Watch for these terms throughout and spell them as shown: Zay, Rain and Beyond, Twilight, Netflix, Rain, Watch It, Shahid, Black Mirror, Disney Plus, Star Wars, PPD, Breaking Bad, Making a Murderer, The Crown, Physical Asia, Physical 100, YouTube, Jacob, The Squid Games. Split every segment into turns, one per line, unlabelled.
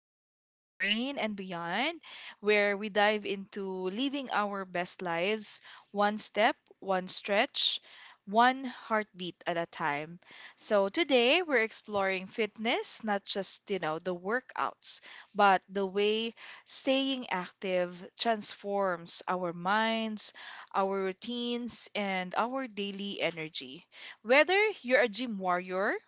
Welcome to Rain and Beyond, where we dive into living our best lives one step, one stretch, one heartbeat at a time. So, today we're exploring fitness, not just, the workouts, but the way staying active transforms our minds, our routines, and our daily energy. Whether you're a gym warrior,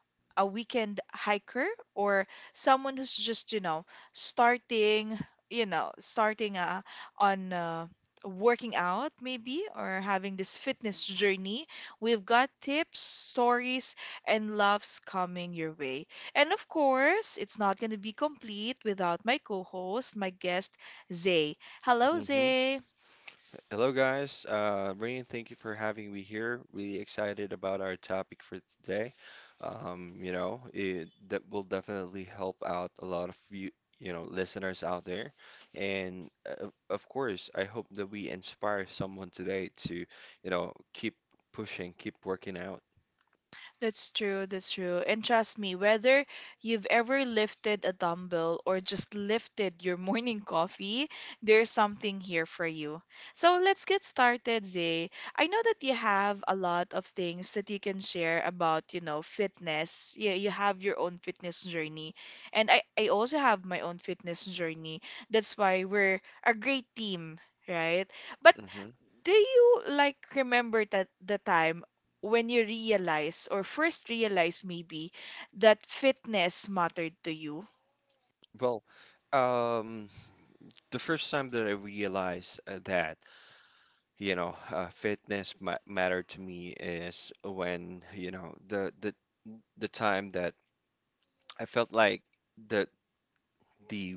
a weekend hiker or someone who's just, starting, you know, starting on working out maybe or having this fitness journey, we've got tips, stories, and loves coming your way. And of course, it's not going to be complete without my co-host, my guest, Zay. Hello,
Hmm.
Zay.
Hello, guys. Rain, thank you for having me here. Really excited about our topic for today. It that will definitely help out a lot of you, listeners out there. And of course, I hope that we inspire someone today to, keep pushing, keep working out.
That's true, that's true. And trust me, whether you've ever lifted a dumbbell or just lifted your morning coffee, there's something here for you. So let's get started, Zay. I know that you have a lot of things that you can share about, fitness. You have your own fitness journey. And I also have my own fitness journey. That's why we're a great team, right? But
Hmm.
do you like remember that the time when you realize or first realize maybe that fitness mattered to you?
Well, um, the first time that I realized that. Fitness ma mattered to me is when, the time that I felt like the the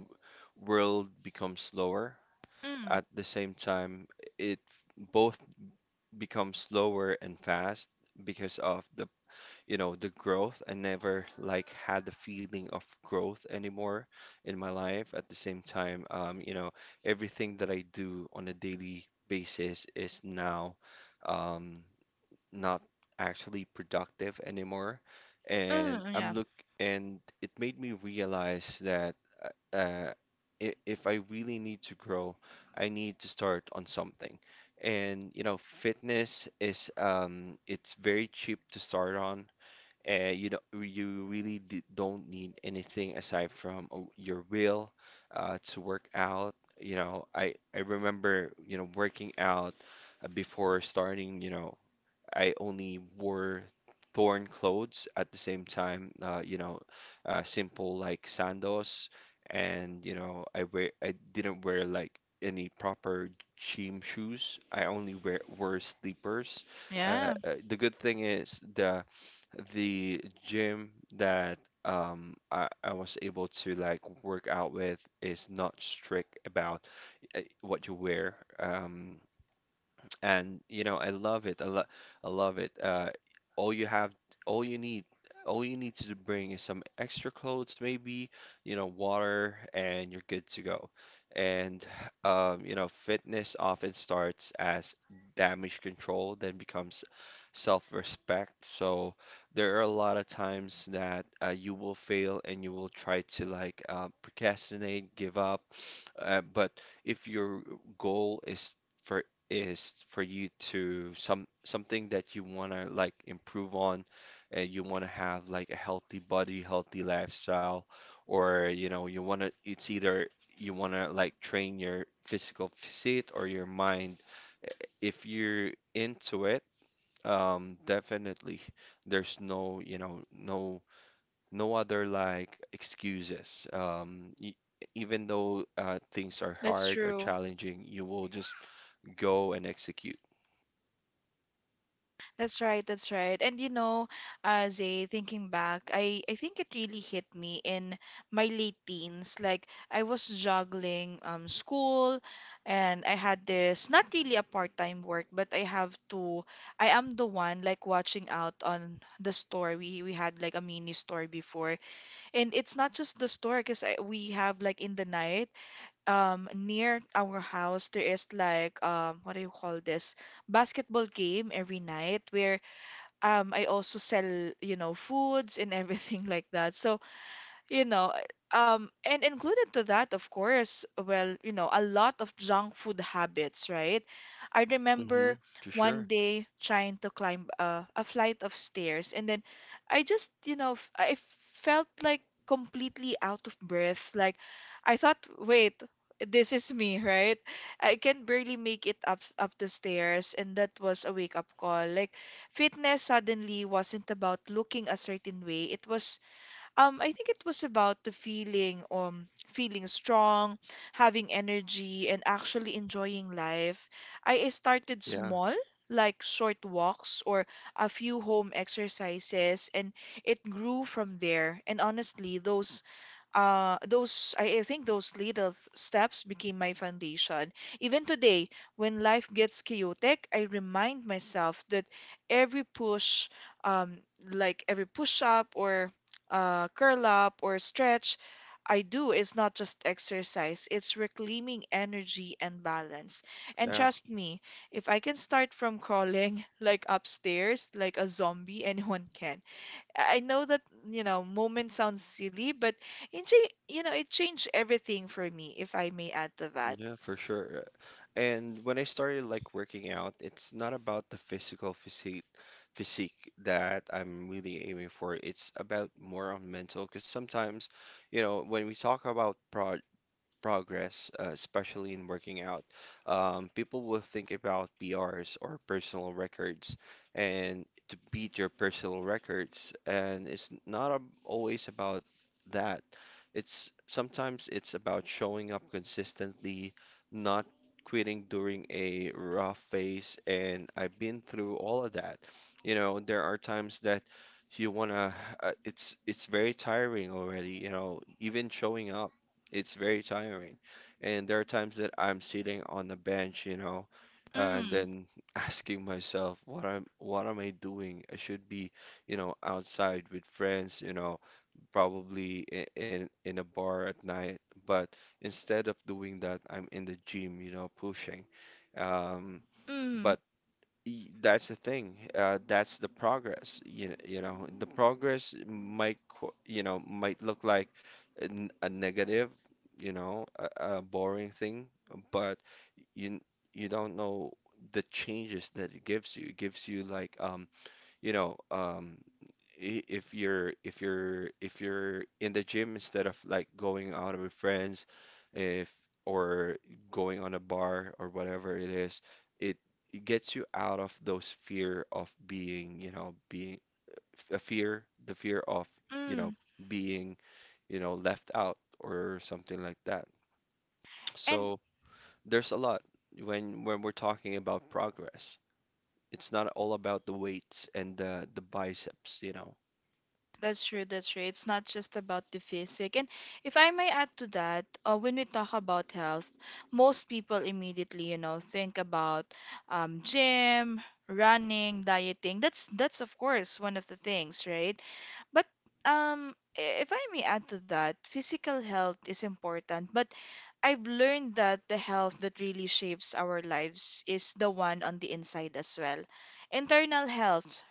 world becomes slower.
Mm,
At the same time, it both becomes slower and fast because of the growth. I never like had the feeling of growth anymore in my life. At the same time, everything that I do on a daily basis is now. Um, not actually productive anymore. And
mm, yeah,
I'm look And it made me realize that uh, uh, if I really need to grow, I need to start on something. And you know, fitness is it's very cheap to start on. You know, you really d don't need anything aside from your will to work out. You know, I remember you know working out before starting. You know, I only wore torn clothes at the same time. Simple like sandals, and you know, I didn't wear like any proper gym shoes. I only wear wore sleepers.
yeah,
The good thing is the gym that I was able to like work out with is not strict about what you wear. And you know I love it, all you have all you need all you need to bring is some extra clothes, maybe you know water, and you're good to go. And you know fitness often starts as damage control, then becomes self-respect. So there are a lot of times that you will fail and you will try to like procrastinate, give up, but if your goal for is for you to something that you want to like improve on, and you want to have like a healthy body, healthy lifestyle, or you know you want to, it's either you want to like train your physical physique or your mind. If you're into it, definitely there's no other like excuses. Y Even though things are
that's
hard or
true.
challenging, you will just go and execute.
That's right, that's right. And you know, as a thinking back, I think it really hit me in my late teens. Like I was juggling school, and I had this not really a part-time work, but I have to I am the one like watching out on the store. We had like a mini store before. And it's not just the store because we have like in the night near our house there is like what do you call this? Basketball game every night where I also sell, you know, foods and everything like that. So you know, and included to that, of course, well, you know, a lot of junk food habits, right? I
Mm-hmm,
remember
for
one
sure.
day trying to climb a flight of stairs, and then I just, you know, I felt like completely out of breath. Like, I thought, wait, this is me, right? I can barely make it up the stairs, and that was a wake-up call. Like, fitness suddenly wasn't about looking a certain way. It was I think it was about the feeling, feeling strong, having energy, and actually enjoying life. I started
Yeah,
small, like short walks or a few home exercises, and it grew from there. And honestly, I think those little steps became my foundation. Even today, when life gets chaotic, I remind myself that every push, um, like every push up or curl up or stretch, I do is not just exercise, it's reclaiming energy and balance. And
yeah,
trust me, if I can start from crawling like upstairs, like a zombie, anyone can. I know that, you know, moment sounds silly, but you know, it changed everything for me, if I may add to that.
yeah, for sure. And when I started like working out, it's not about the physical physique that I'm really aiming for. It's about more on mental, because sometimes, you know, when we talk about progress, especially in working out, people will think about PRs or personal records and to beat your personal records. And it's not ab- always about that. It's Sometimes it's about showing up consistently, not quitting during a rough phase. And I've been through all of that. You know, there are times that you wanna it's very tiring already, you know, even showing up, it's very tiring. And there are times that I'm sitting on the bench, you know, and
Mm,
then asking myself, what am I doing? I should be, you know, outside with friends, you know, probably in a bar at night. But instead of doing that, I'm in the gym, you know, pushing. Um,
mm,
but That's the thing. That's the progress. You know, the progress might, you know, might look like a negative, you know, a boring thing, but you n- you don't know the changes that it gives you. It gives you like you know um if you're if you're in the gym instead of like going out with friends, if or going on a bar or whatever it is, it, it gets you out of those fear of being, you know, being a fear the fear of, you know,
mm.
being, you know, left out or something like that.
And
So there's a lot. When we're talking about progress, it's not all about the weights and the biceps, you know.
That's true, that's true. It's not just about the physic. And if I may add to that, when we talk about health, most people immediately, you know, think about gym, running, dieting. That's of course one of the things, right? But if I may add to that, physical health is important, but I've learned that the health that really shapes our lives is the one on the inside as well. Internal health,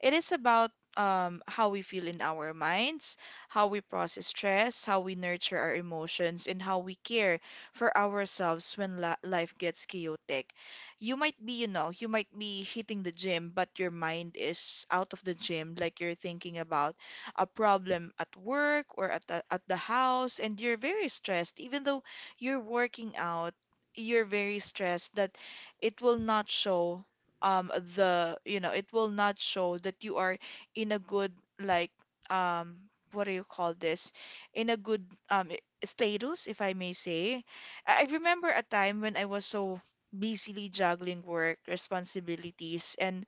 it is about how we feel in our minds, how we process stress, how we nurture our emotions, and how we care for ourselves when la life gets chaotic. You might be, you know, you might be hitting the gym, but your mind is out of the gym, like you're thinking about a problem at work or at at the house, and you're very stressed, even though you're working out. You're very stressed that it will not show the you know it will not show that you are in a good like um what do you call this, in a good um i- status, if I may say. I remember a time when I was so busily juggling work responsibilities and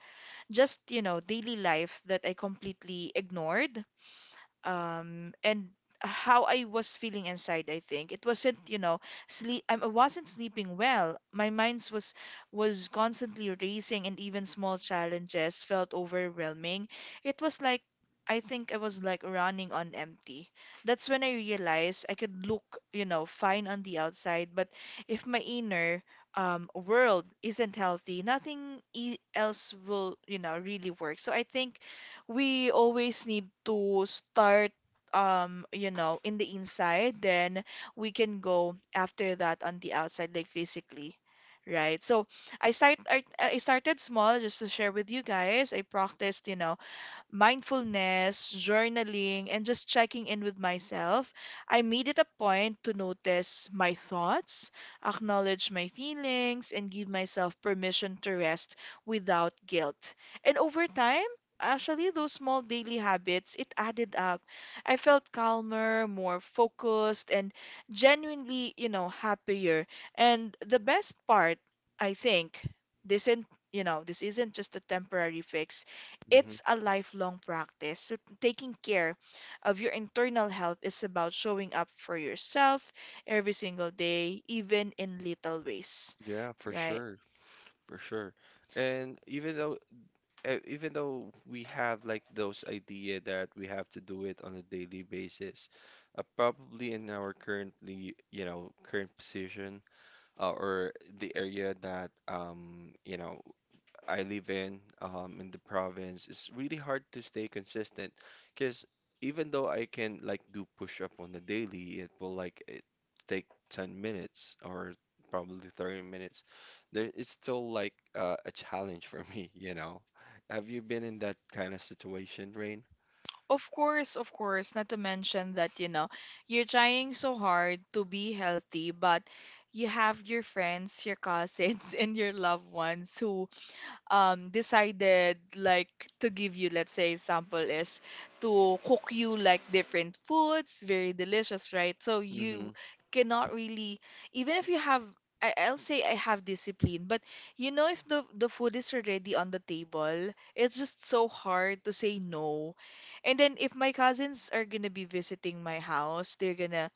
just you know daily life that I completely ignored and how I was feeling inside. I think it wasn't you know sleep, I wasn't sleeping well, my mind was constantly racing and even small challenges felt overwhelming. It was like I think I was like running on empty. That's when I realized I could look you know fine on the outside, but if my inner world isn't healthy, nothing else will you know really work. So I think we always need to start you know in the inside, then we can go after that on the outside like physically, right? So I started small, just to share with you guys. I practiced you know mindfulness, journaling, and just checking in with myself. I made it a point to notice my thoughts, acknowledge my feelings, and give myself permission to rest without guilt. And over time, actually, those small daily habits, it added up. I felt calmer, more focused, and genuinely, you know, happier. And the best part, I think, this isn't, you know, this isn't just a temporary fix, it's
Hmm.
a lifelong practice. So taking care of your internal health is about showing up for yourself every single day, even in little ways,
Yeah, for
right?
sure, for sure. And even though we have like those idea that we have to do it on a daily basis, probably in our currently, you know, current position, or the area that you know, I live in the province, it's really hard to stay consistent because even though I can like do push up on the daily, it will like it take 10 minutes or probably 30 minutes. It's still like a challenge for me, you know. Have you been in that kind of situation, Rain?
Of course, not to mention that, you know, you're trying so hard to be healthy, but you have your friends, your cousins, and your loved ones who decided like to give you, let's say, example is to cook you like different foods, very delicious, right? So
Mm-hmm.
you cannot really, even if you have, I'll say I have discipline, but you know, if the food is already on the table, it's just so hard to say no. And then if my cousins are gonna be visiting my house,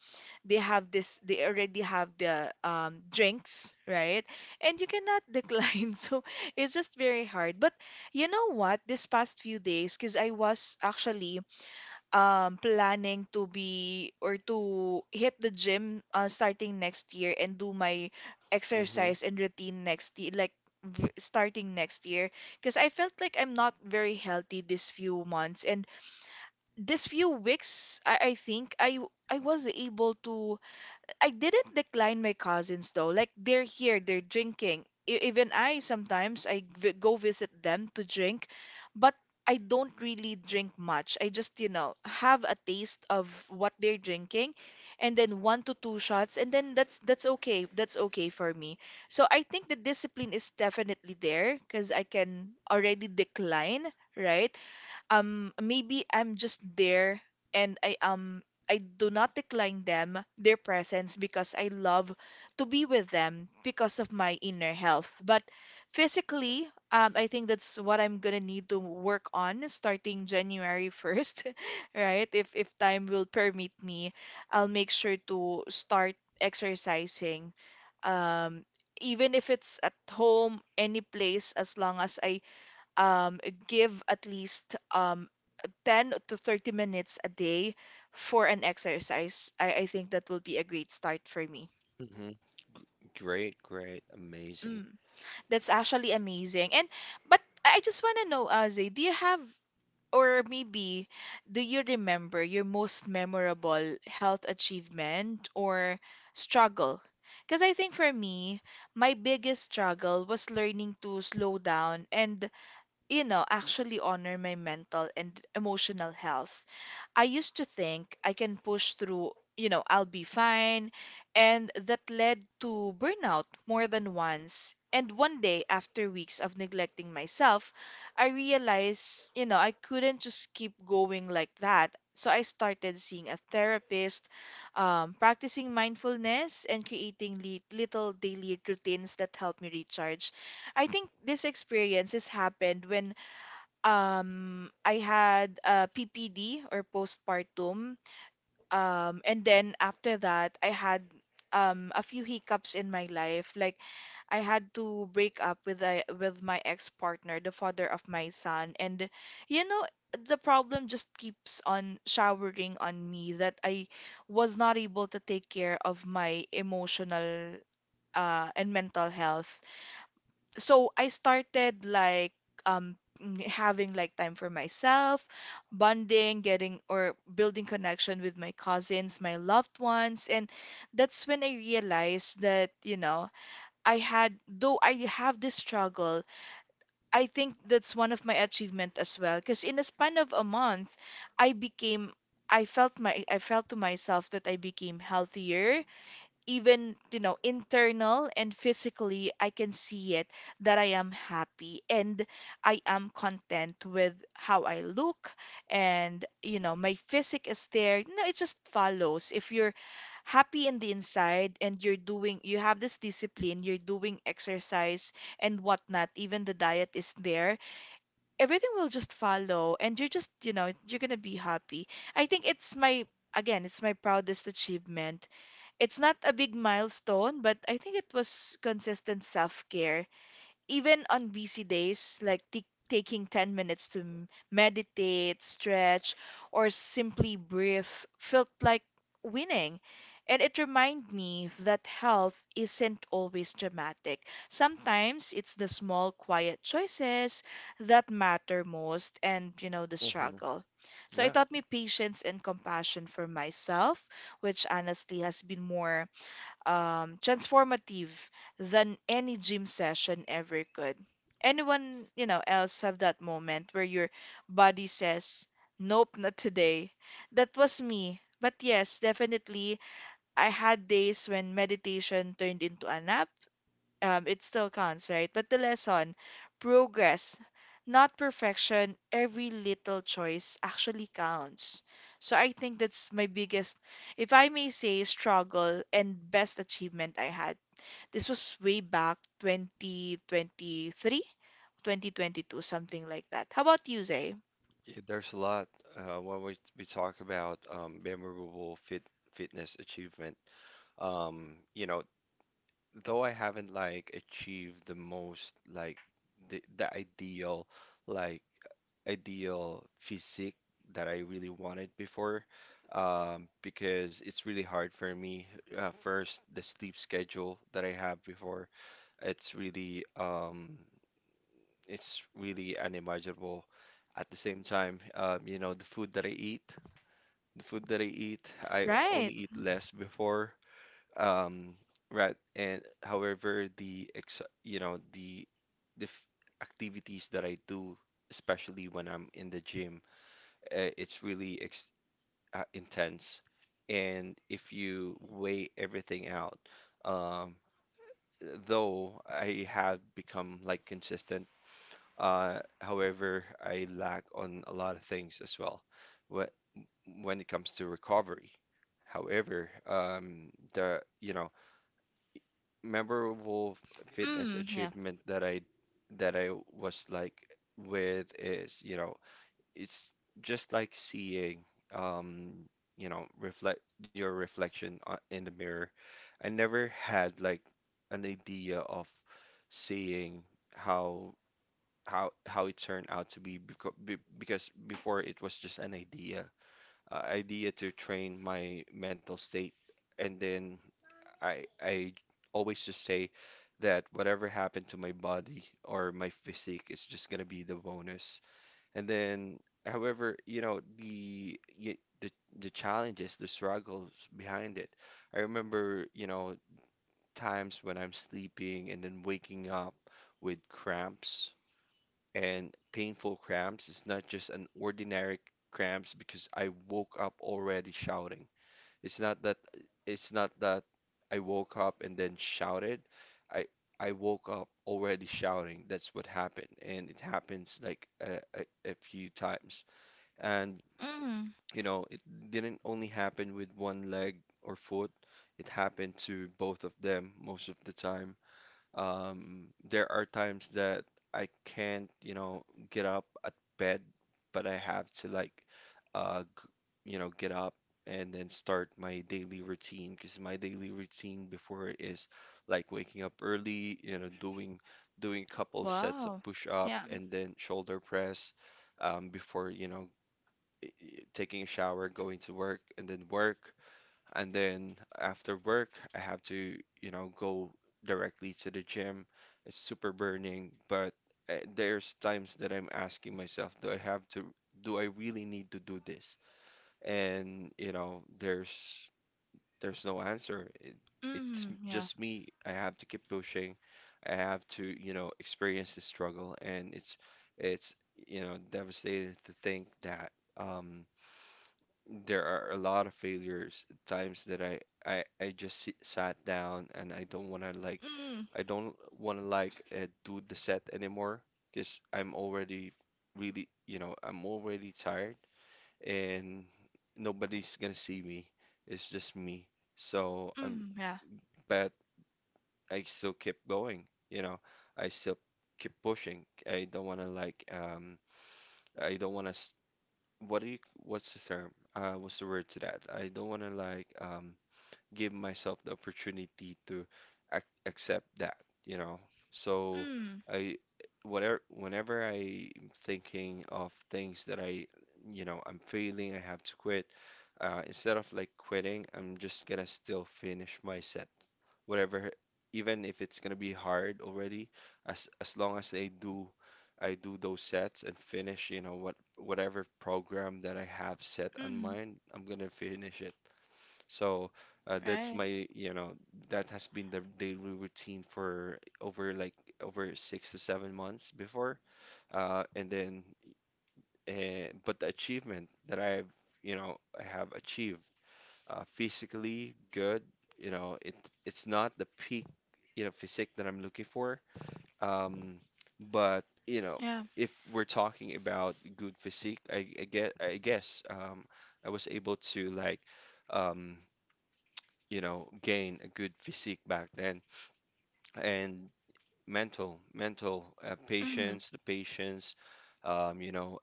they have this they already have the drinks, right? And you cannot decline so it's just very hard. But you know what, this past few days, because I was actually planning to be or to hit the gym starting next year and do my
Mm-hmm.
exercise and routine next year like starting next year, because I felt like I'm not very healthy this few months and this few weeks, I think I was able to I didn't decline my cousins though. Like they're here, they're drinking. Even I sometimes I go visit them to drink, but I don't really drink much. I just, you know, have a taste of what they're drinking and then one to two shots and then that's okay. That's okay for me. So I think the discipline is definitely there because I can already decline, right? Maybe I'm just there and I do not decline them their presence because I love to be with them because of my inner health. But physically, I think that's what I'm gonna need to work on starting January 1st, right? If time will permit me, I'll make sure to start exercising. Um, even if it's at home, any place, as long as I give at least 10 to 30 minutes a day for an exercise, I think that will be a great start for me.
Mm-hmm. Great, great, amazing.
Mm, that's actually amazing. And but I just want to know, Azay, do you have or maybe do you remember your most memorable health achievement or struggle? Because I think for me, my biggest struggle was learning to slow down and, you know, actually honor my mental and emotional health. I used to think I can push through, you know, I'll be fine. And that led to burnout more than once. And one day, after weeks of neglecting myself, I realized, you know, I couldn't just keep going like that. So I started seeing a therapist, practicing mindfulness, and creating li little daily routines that help me recharge. I think this experience has happened when I had PPD or postpartum. And then after that, I had a few hiccups in my life. Like I had to break up with with my ex-partner, the father of my son. And you know, the problem just keeps on showering on me that I was not able to take care of my emotional and mental health. So I started like having like time for myself, bonding, getting or building connection with my cousins, my loved ones, and that's when I realized that, you know, I had though I have this struggle, I think that's one of my achievement as well because in a span of a month, I became I felt to myself that I became healthier. Even, internal and physically, I can see it that I am happy and I am content with how I look. And you know, my physique is there, no, it just follows. If you're happy in the inside and you have this discipline, you're doing exercise and whatnot, even the diet is there, everything will just follow and you're just, you know, you're gonna be happy. I think it's my Again, it's my proudest achievement. It's not a big milestone, but I think it was consistent self-care. Even on busy days, like t taking 10 minutes to meditate, stretch, or simply breathe felt like winning. And it reminded me that health isn't always dramatic. Sometimes it's the small, quiet choices that matter most and, you know, the
Mm-hmm.
struggle. So it
Yeah.
taught me patience and compassion for myself, which honestly has been more transformative than any gym session ever could. Anyone, you know, else have that moment where your body says, "Nope, not today." That was me. But yes, definitely, I had days when meditation turned into a nap. It still counts, right? But the lesson, progress, not perfection, every little choice actually counts. So I think that's my biggest, if I may say, struggle and best achievement I had. This was way back 2023, 2022, something like that. How about you, Zay?
Yeah, there's a lot. When we talk about memorable fitness achievement. You know, though I haven't like achieved the most like the ideal like ideal physique that I really wanted before, because it's really hard for me. First, the sleep schedule that I have before, it's really um, it's really unimaginable. At the same time, you know, the food that I eat, I only
Right.
eat less before. Um, right, and however, the ex you know, the f activities that I do, especially when I'm in the gym, it's really ex intense. And if you weigh everything out, um, though I have become like consistent, however, I lack on a lot of things as well wh- when it comes to recovery. However, the you know memorable fitness
Mm, yeah.
achievement that I was like with is, you know, it's just like seeing, um, you know, reflection in the mirror. I never had like an idea of seeing how it turned out to be, because before it was just an idea, idea to train my mental state, and then I always just say that whatever happened to my body or my physique is just gonna be the bonus. And then, however, you know the challenges, the struggles behind it. I remember, you know, times when I'm sleeping and then waking up with cramps and painful cramps. It's not just an ordinary cramps because I woke up already shouting. It's not that it's not that I woke up and then shouted. I I woke up already shouting. That's what happened, and it happens like a few times. And
Mm,
you know, it didn't only happen with one leg or foot. It happened to both of them most of the time. There are times that I can't, you know, get up at bed, but I have to like, uh, g- you know, get up and then start my daily routine, because my daily routine before is like waking up early, you know, doing a couple sets of
wow.
push up
Yeah.
and then shoulder press, before, you know, taking a shower, going to work. And then after work, I have to, you know, go directly to the gym. It's super burning, but there's times that I'm asking myself, do I really need to do this? And, you know, there's no answer. It's
Mm, yeah.
just me. I have to keep pushing. I have to, you know, experience the struggle, and it's, you know, devastating to think that um there are a lot of failures, times that sat down and I don't wanna like
Mm,
do the set anymore because I'm already really, you know, I'm already tired, and nobody's gonna see me. It's just me. So I'm
mm, yeah.
but I still keep going. You know, I still keep pushing. I don't wanna like I don't wanna what do you what's the term? What's the word to that? I don't want to like give myself the opportunity to ac accept that, you know. So
Mm,
I whatever whenever I'm thinking of things that I you know I'm failing, I have to quit. Instead of like quitting, I'm just gonna still finish my set, whatever, even if it's gonna be hard already. As long as I do those sets and finish, you know, whatever program that I have set on
mm,
mine, I'm gonna finish it. So that's
right.
my, you know, that has been the daily routine for over like over 6 to 7 months before, uh, and then, but the achievement that I have achieved physically good. You know, it's not the peak, you know, physique that I'm looking for. Um, but you know,
Yeah.
if we're talking about good physique, I guess, I was able to like, um, you know, gain a good physique back then. And mental
Hmm.
patience, the patience, you know,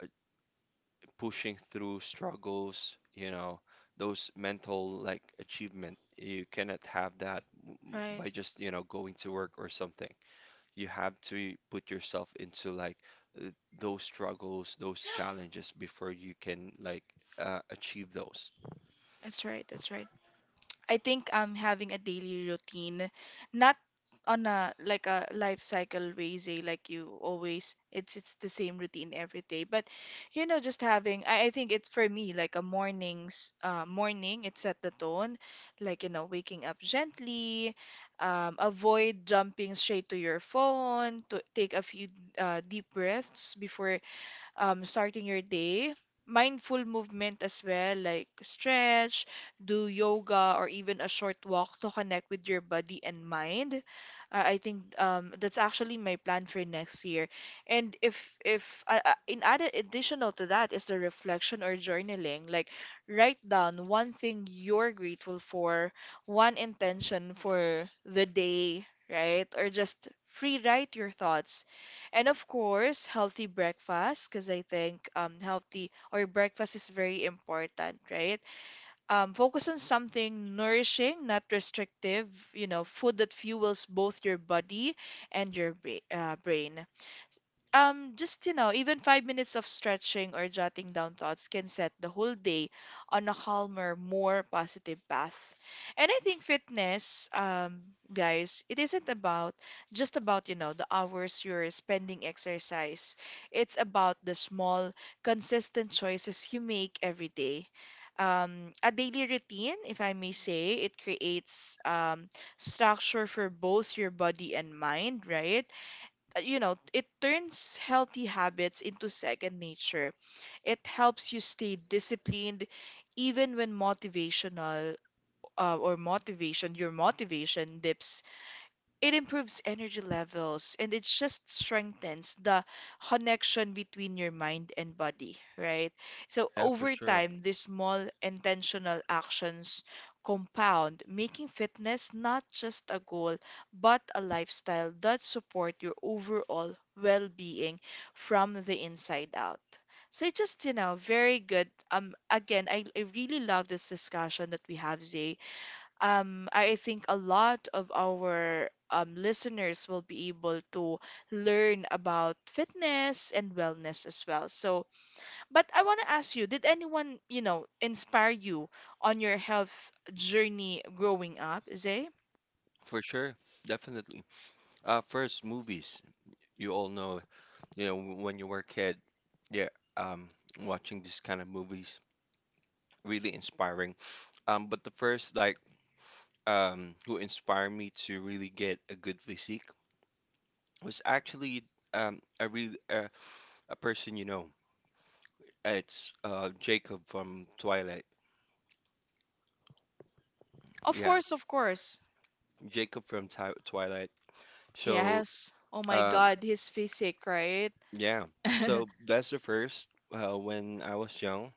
pushing through struggles, you know, those mental like achievement. You cannot have that
Right.
by just, you know, going to work or something. You have to put yourself into like uh, those struggles, those challenges before you can like achieve those.
That's right. That's right. I think I'm having a daily routine, not on a like a life cycle way, say like you always it's the same routine every day. But you know, just having I think it's for me like a morning, it set the tone, like you know, waking up gently, avoid jumping straight to your phone, to take a few deep breaths before starting your day. Mindful movement as well, like stretch, do yoga, or even a short walk to connect with your body and mind. I think that's actually my plan for next year. And if in added additional to that is the reflection or journaling, like write down one thing you're grateful for, one intention for the day, right? Or just free write your thoughts and of course, healthy breakfast, because I think healthy or breakfast is very important, right? Focus on something nourishing, not restrictive, you know, food that fuels both your body and your brain. Just, you know, even 5 minutes of stretching or jotting down thoughts can set the whole day on a calmer, more positive path. And I think fitness, guys, it isn't about just about, you know, the hours you're spending exercise. It's about the small, consistent choices you make every day. A daily routine, if I may say, it creates structure for both your body and mind, right? You know, it turns healthy habits into second nature. It helps you stay disciplined even when your motivation dips. It improves energy levels and it just strengthens the connection between your mind and body, right? So
Yeah, for
over
sure.
time, these small intentional actions compound, making fitness not just a goal, but a lifestyle that support your overall well-being from the inside out. So it just, you know, very good. Again, I really love this discussion that we have, Zay. I think a lot of our listeners will be able to learn about fitness and wellness as well. So, but I want to ask you, did anyone, you know, inspire you on your health journey growing up, Zay?
For sure, definitely. First, movies. You all know, you know, when you were a kid, yeah, um, watching these kind of movies, really inspiring. But the first, like, who inspired me to really get a good physique was actually a real a person you know. It's Jacob from Twilight.
Of
Yeah,
course, of course.
Jacob from Ti Twilight. So
Yes. Oh my
uh,
God, his physique, right?
yeah, so that's the first when I was young.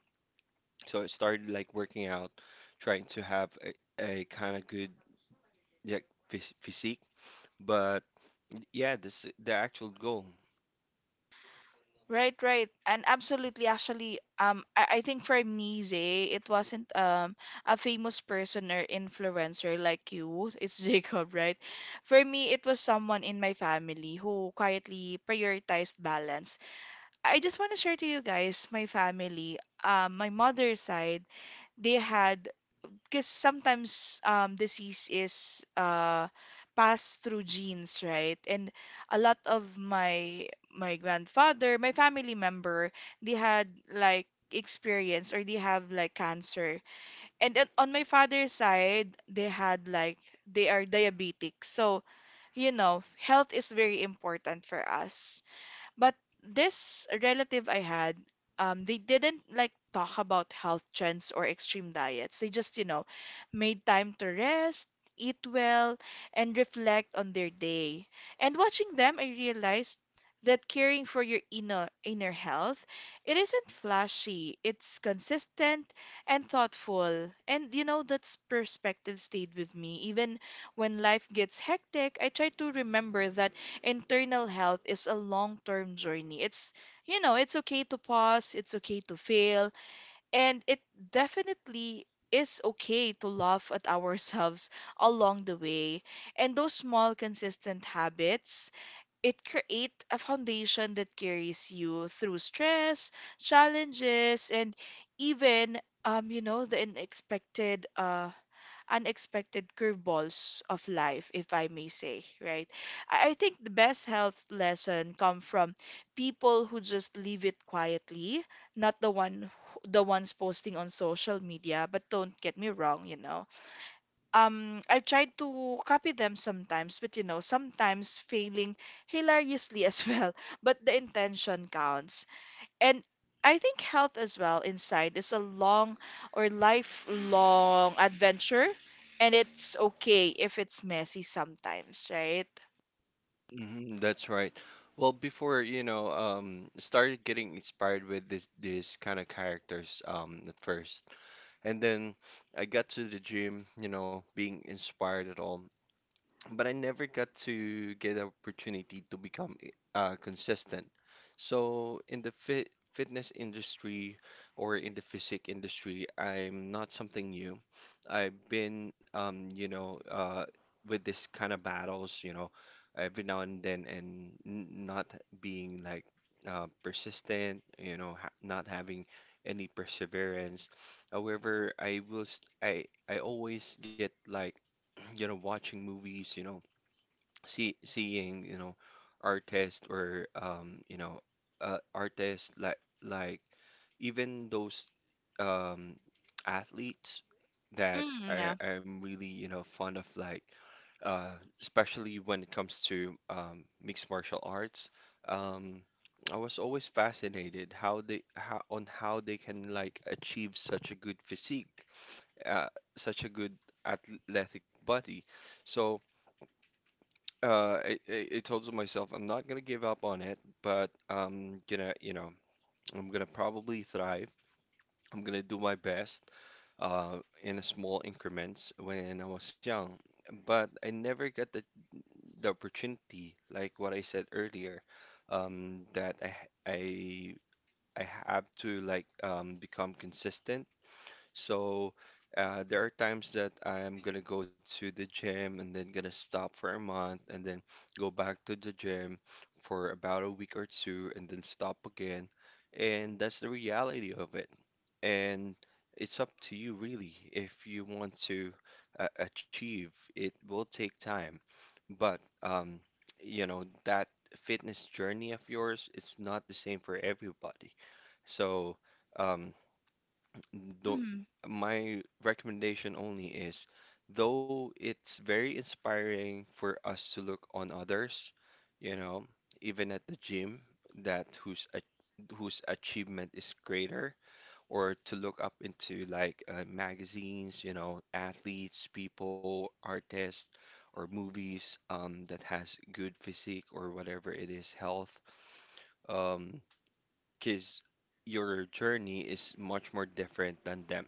So it started like working out, trying to have a kind of good yeah, physique. But yeah, this the actual goal.
Right, right. And absolutely, actually, I think for me, Zay, it wasn't a famous person or influencer like you. It's Jacob, right? For me, it was someone in my family who quietly prioritized balance. I just want to share to you guys, my family, my mother's side, they had because sometimes disease is passed through genes, right? And a lot of my grandfather, my family member, they had like experience or they have like cancer. And then on my father's side, they had like they are diabetic. So, you know, health is very important for us. But this relative I had, they didn't like talk about health trends or extreme diets. They just, you know, made time to rest, eat well, and reflect on their day. And watching them, I realized that caring for your inner health, it isn't flashy. It's consistent and thoughtful. And you know, that perspective stayed with me. Even when life gets hectic, I try to remember that internal health is a long term journey. It's, you know, it's okay to pause, it's okay to fail, and it definitely is okay to laugh at ourselves along the way. And those small, consistent habits, it create a foundation that carries you through stress, challenges, and even you know, the unexpected curveballs of life, if I may say, right? I think the best health lesson come from people who just leave it quietly, not the ones posting on social media, but don't get me wrong, you know. I've tried to copy them sometimes, but you know, sometimes failing hilariously as well. But the intention counts and I think health as well inside is a long or lifelong adventure, and it's okay if it's messy sometimes, right?
Mhm, that's right. Well, before, you know, started getting inspired with this these kind of characters at first. And then I got to the gym, you know, being inspired at all but I never got to get the opportunity to become consistent. So in the fitness industry or in the physique industry, I'm not something new. I've been, you know, with this kind of battles, you know, every now and then, and not being like persistent, you know, ha not having any perseverance. However, I will, st I always get like, you know, watching movies, you know seeing you know artists or you know artists like even those um athletes that
Mm,
I
yeah.
am really you know fond of like uh especially when it comes to mixed martial arts, um I was always fascinated how they how on how they can like achieve such a good physique, uh, such a good athletic body. So I told myself I'm not gonna give up on it, but I'm gonna, you know, I'm gonna probably thrive. I'm gonna do my best, uh, in a small increments when I was young. But I never got the opportunity, like what I said earlier, that I, I have to like become consistent. So there are times that I'm gonna go to the gym and then gonna stop for a month and then go back to the gym for about a week or two and then stop again. And that's the reality of it. And it's up to you really if you want to achieve. It will take time, but you know that fitness journey of yours, it's not the same for everybody. So. Um, don't,
Mm,
my recommendation only is, though it's very inspiring for us to look on others, you know, even at the gym, that whose achievement is greater, or to look up into like magazines, you know, athletes, people, artists, or movies that has good physique or whatever it is, health. Um, because your journey is much more different than them.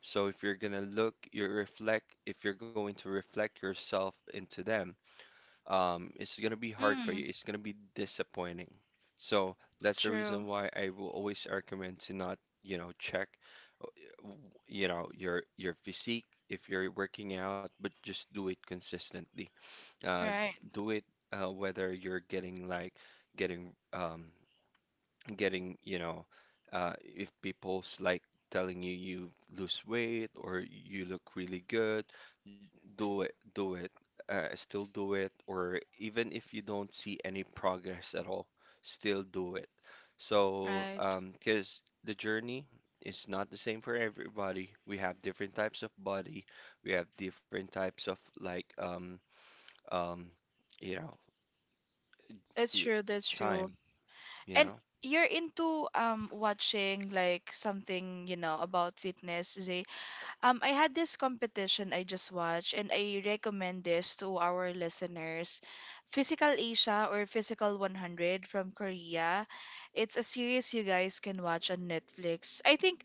So if you're gonna look, if you're going to reflect yourself into them, it's gonna be hard for you.
mm,
It's gonna be disappointing. So that's the reason
true.
why I will always recommend to not, you know, check, w- you know, your physique if you're working out, but just do it consistently. Uh,
Right,
do it whether you're getting like getting getting, you know, if people's like telling you you lose weight or you look really good, do it, still do it, or even if you don't see any progress at all, still do it. So,
right.
because the journey is not the same for everybody. We have different types of body, we have different types of like, um, you know,
That's
y-
true, that's true.
time, you
And
know.
you're into watching like something, you know, about fitness, Zay? I had this competition I just watched, and I recommend this to our listeners. Physical Asia or Physical 100 from Korea. It's a series you guys can watch on Netflix. I think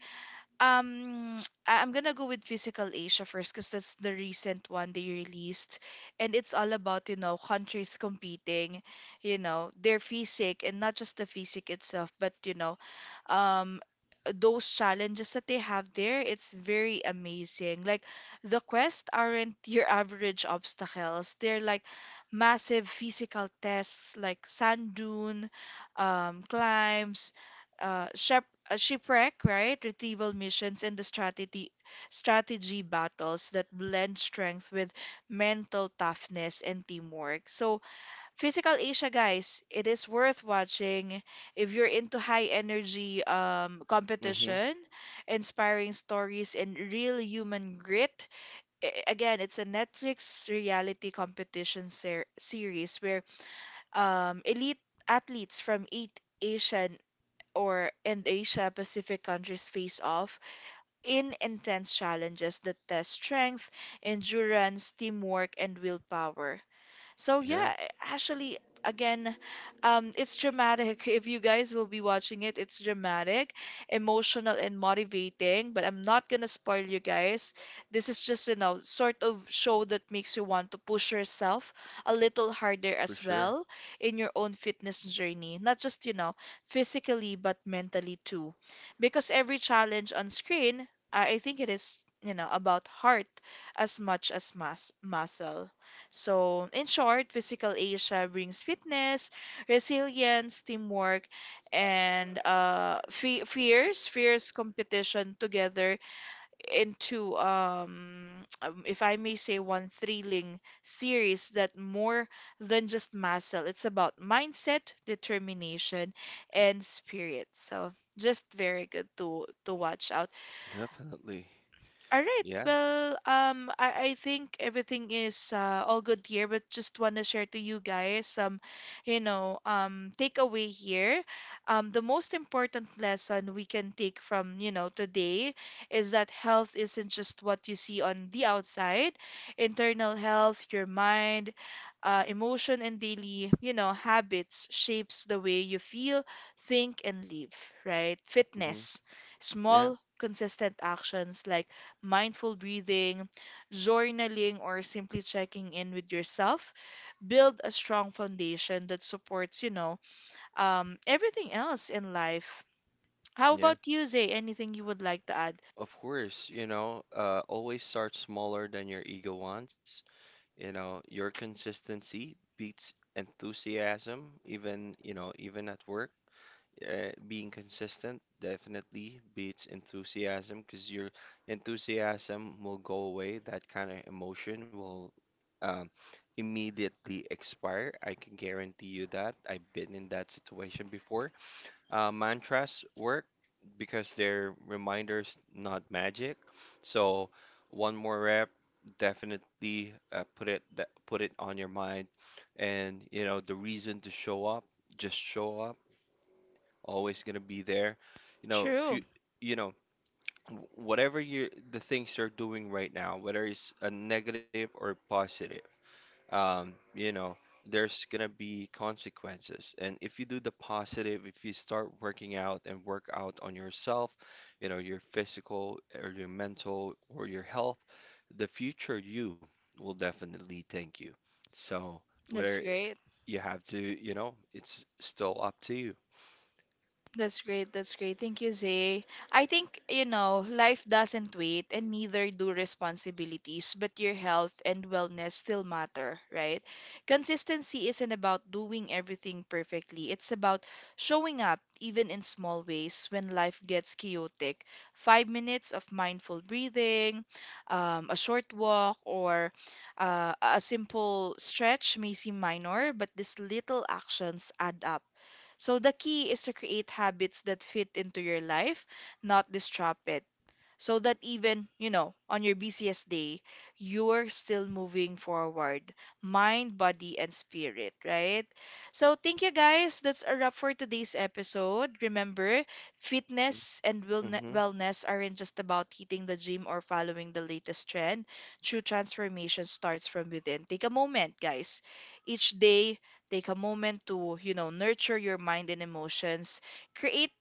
um, I'm gonna go with Physical Asia first because that's the recent one they released, and it's all about you know countries competing, you know their physique and not just the physique itself, but you know, um, those challenges that they have there. It's very amazing. Like the quests aren't your average obstacles. They're like massive physical tests, like sand dune, climbs, shep shipwreck, right? Retrieval missions and the strategy battles that blend strength with mental toughness and teamwork. So, Physical Asia, guys, it is worth watching if you're into high energy
Mm-hmm.
competition, inspiring stories, and real human grit. Again, it's a Netflix reality competition series where elite athletes from eight Asian or and Asia Pacific countries face off in intense challenges that test strength, endurance, teamwork, and willpower. So
Yeah,
yeah, actually, again, it's dramatic. If you guys will be watching it, it's dramatic, emotional, and motivating. But I'm not gonna spoil you guys. This is just, you know, sort of show that makes you want to push yourself a little harder
for
as
sure.
well in your own fitness journey. Not just, you know, physically, but mentally too. Because every challenge on screen, I think it is, you know, about heart as much as mass muscle. So, in short, Physical Asia brings fitness, resilience, teamwork, and fe fierce, fierce competition together into, if I may say, one thrilling series that more than just muscle, it's about mindset, determination, and spirit. So, just very good to watch out.
Definitely.
All right.
Yeah.
Well, I think everything is all good here, but just want to share to you guys some, you know, takeaway here. The most important lesson we can take from, you know, today is that health isn't just what you see on the outside. Internal health, your mind, emotion, and daily, you know, habits shapes the way you feel, think, and live, right?
Hmm.
Fitness,
Yeah.
small, consistent actions like mindful breathing, journaling, or simply checking in with yourself, build a strong foundation that supports, you know, everything else in life. How
Yeah.
about you, Zay? Anything you would like to add?
Of course, you know, always start smaller than your ego wants. You know, your consistency beats enthusiasm, even, you know, even at work. Being consistent definitely beats enthusiasm because your enthusiasm will go away. That kind of emotion will, um, immediately expire. I can guarantee you that. I've been in that situation before. Mantras work because they're reminders, not magic. So one more rep, definitely put put it on your mind, and you know the reason to show up, just show up. Always gonna be there. You know, if
True.
you you know whatever you the things you're doing right now, whether it's a negative or positive, you know, there's gonna be consequences. And if you do the positive, if you start working out and work out on yourself, you know, your physical or your mental or your health, the future you will definitely thank you. So
That's
whether
great.
you have to, you know, it's still up to you.
That's great. That's great. Thank you, Zay. I think, you know, life doesn't wait and neither do responsibilities, but your health and wellness still matter, right? Consistency isn't about doing everything perfectly. It's about showing up even in small ways when life gets chaotic. 5 minutes of mindful breathing, a short walk, or a simple stretch may seem minor, but these little actions add up. So the key is to create habits that fit into your life, not disrupt it so that even, you know, on your busiest day, you're still moving forward, mind, body, and spirit, right? So, thank you guys. That's a wrap for today's episode. Remember, fitness and
Hmm.
wellness aren't just about hitting the gym or following the latest trend. True transformation starts from within. Take a moment, guys. Each day, take a moment to, you know, nurture your mind and emotions. Create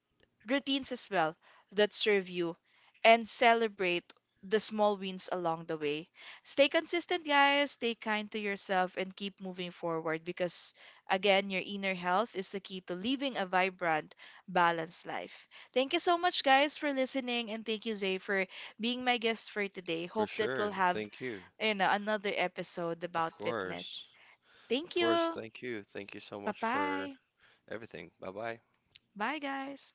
routines as well that serve you and celebrate the small wins along the way. Stay consistent, guys. Stay kind to yourself and keep moving forward because, again, your inner health is the key to living a vibrant, balanced life. Thank you so much, guys, for listening. And thank you, Zay, for being my guest for today.
For
Hope that
sure.
we'll have
Thank you.
you know, another episode
Of
about
course.
fitness.
Of
Thank
course.
you.
Thank you. Thank you so
Bye
much for
bye.
everything. Bye bye.
Bye, guys.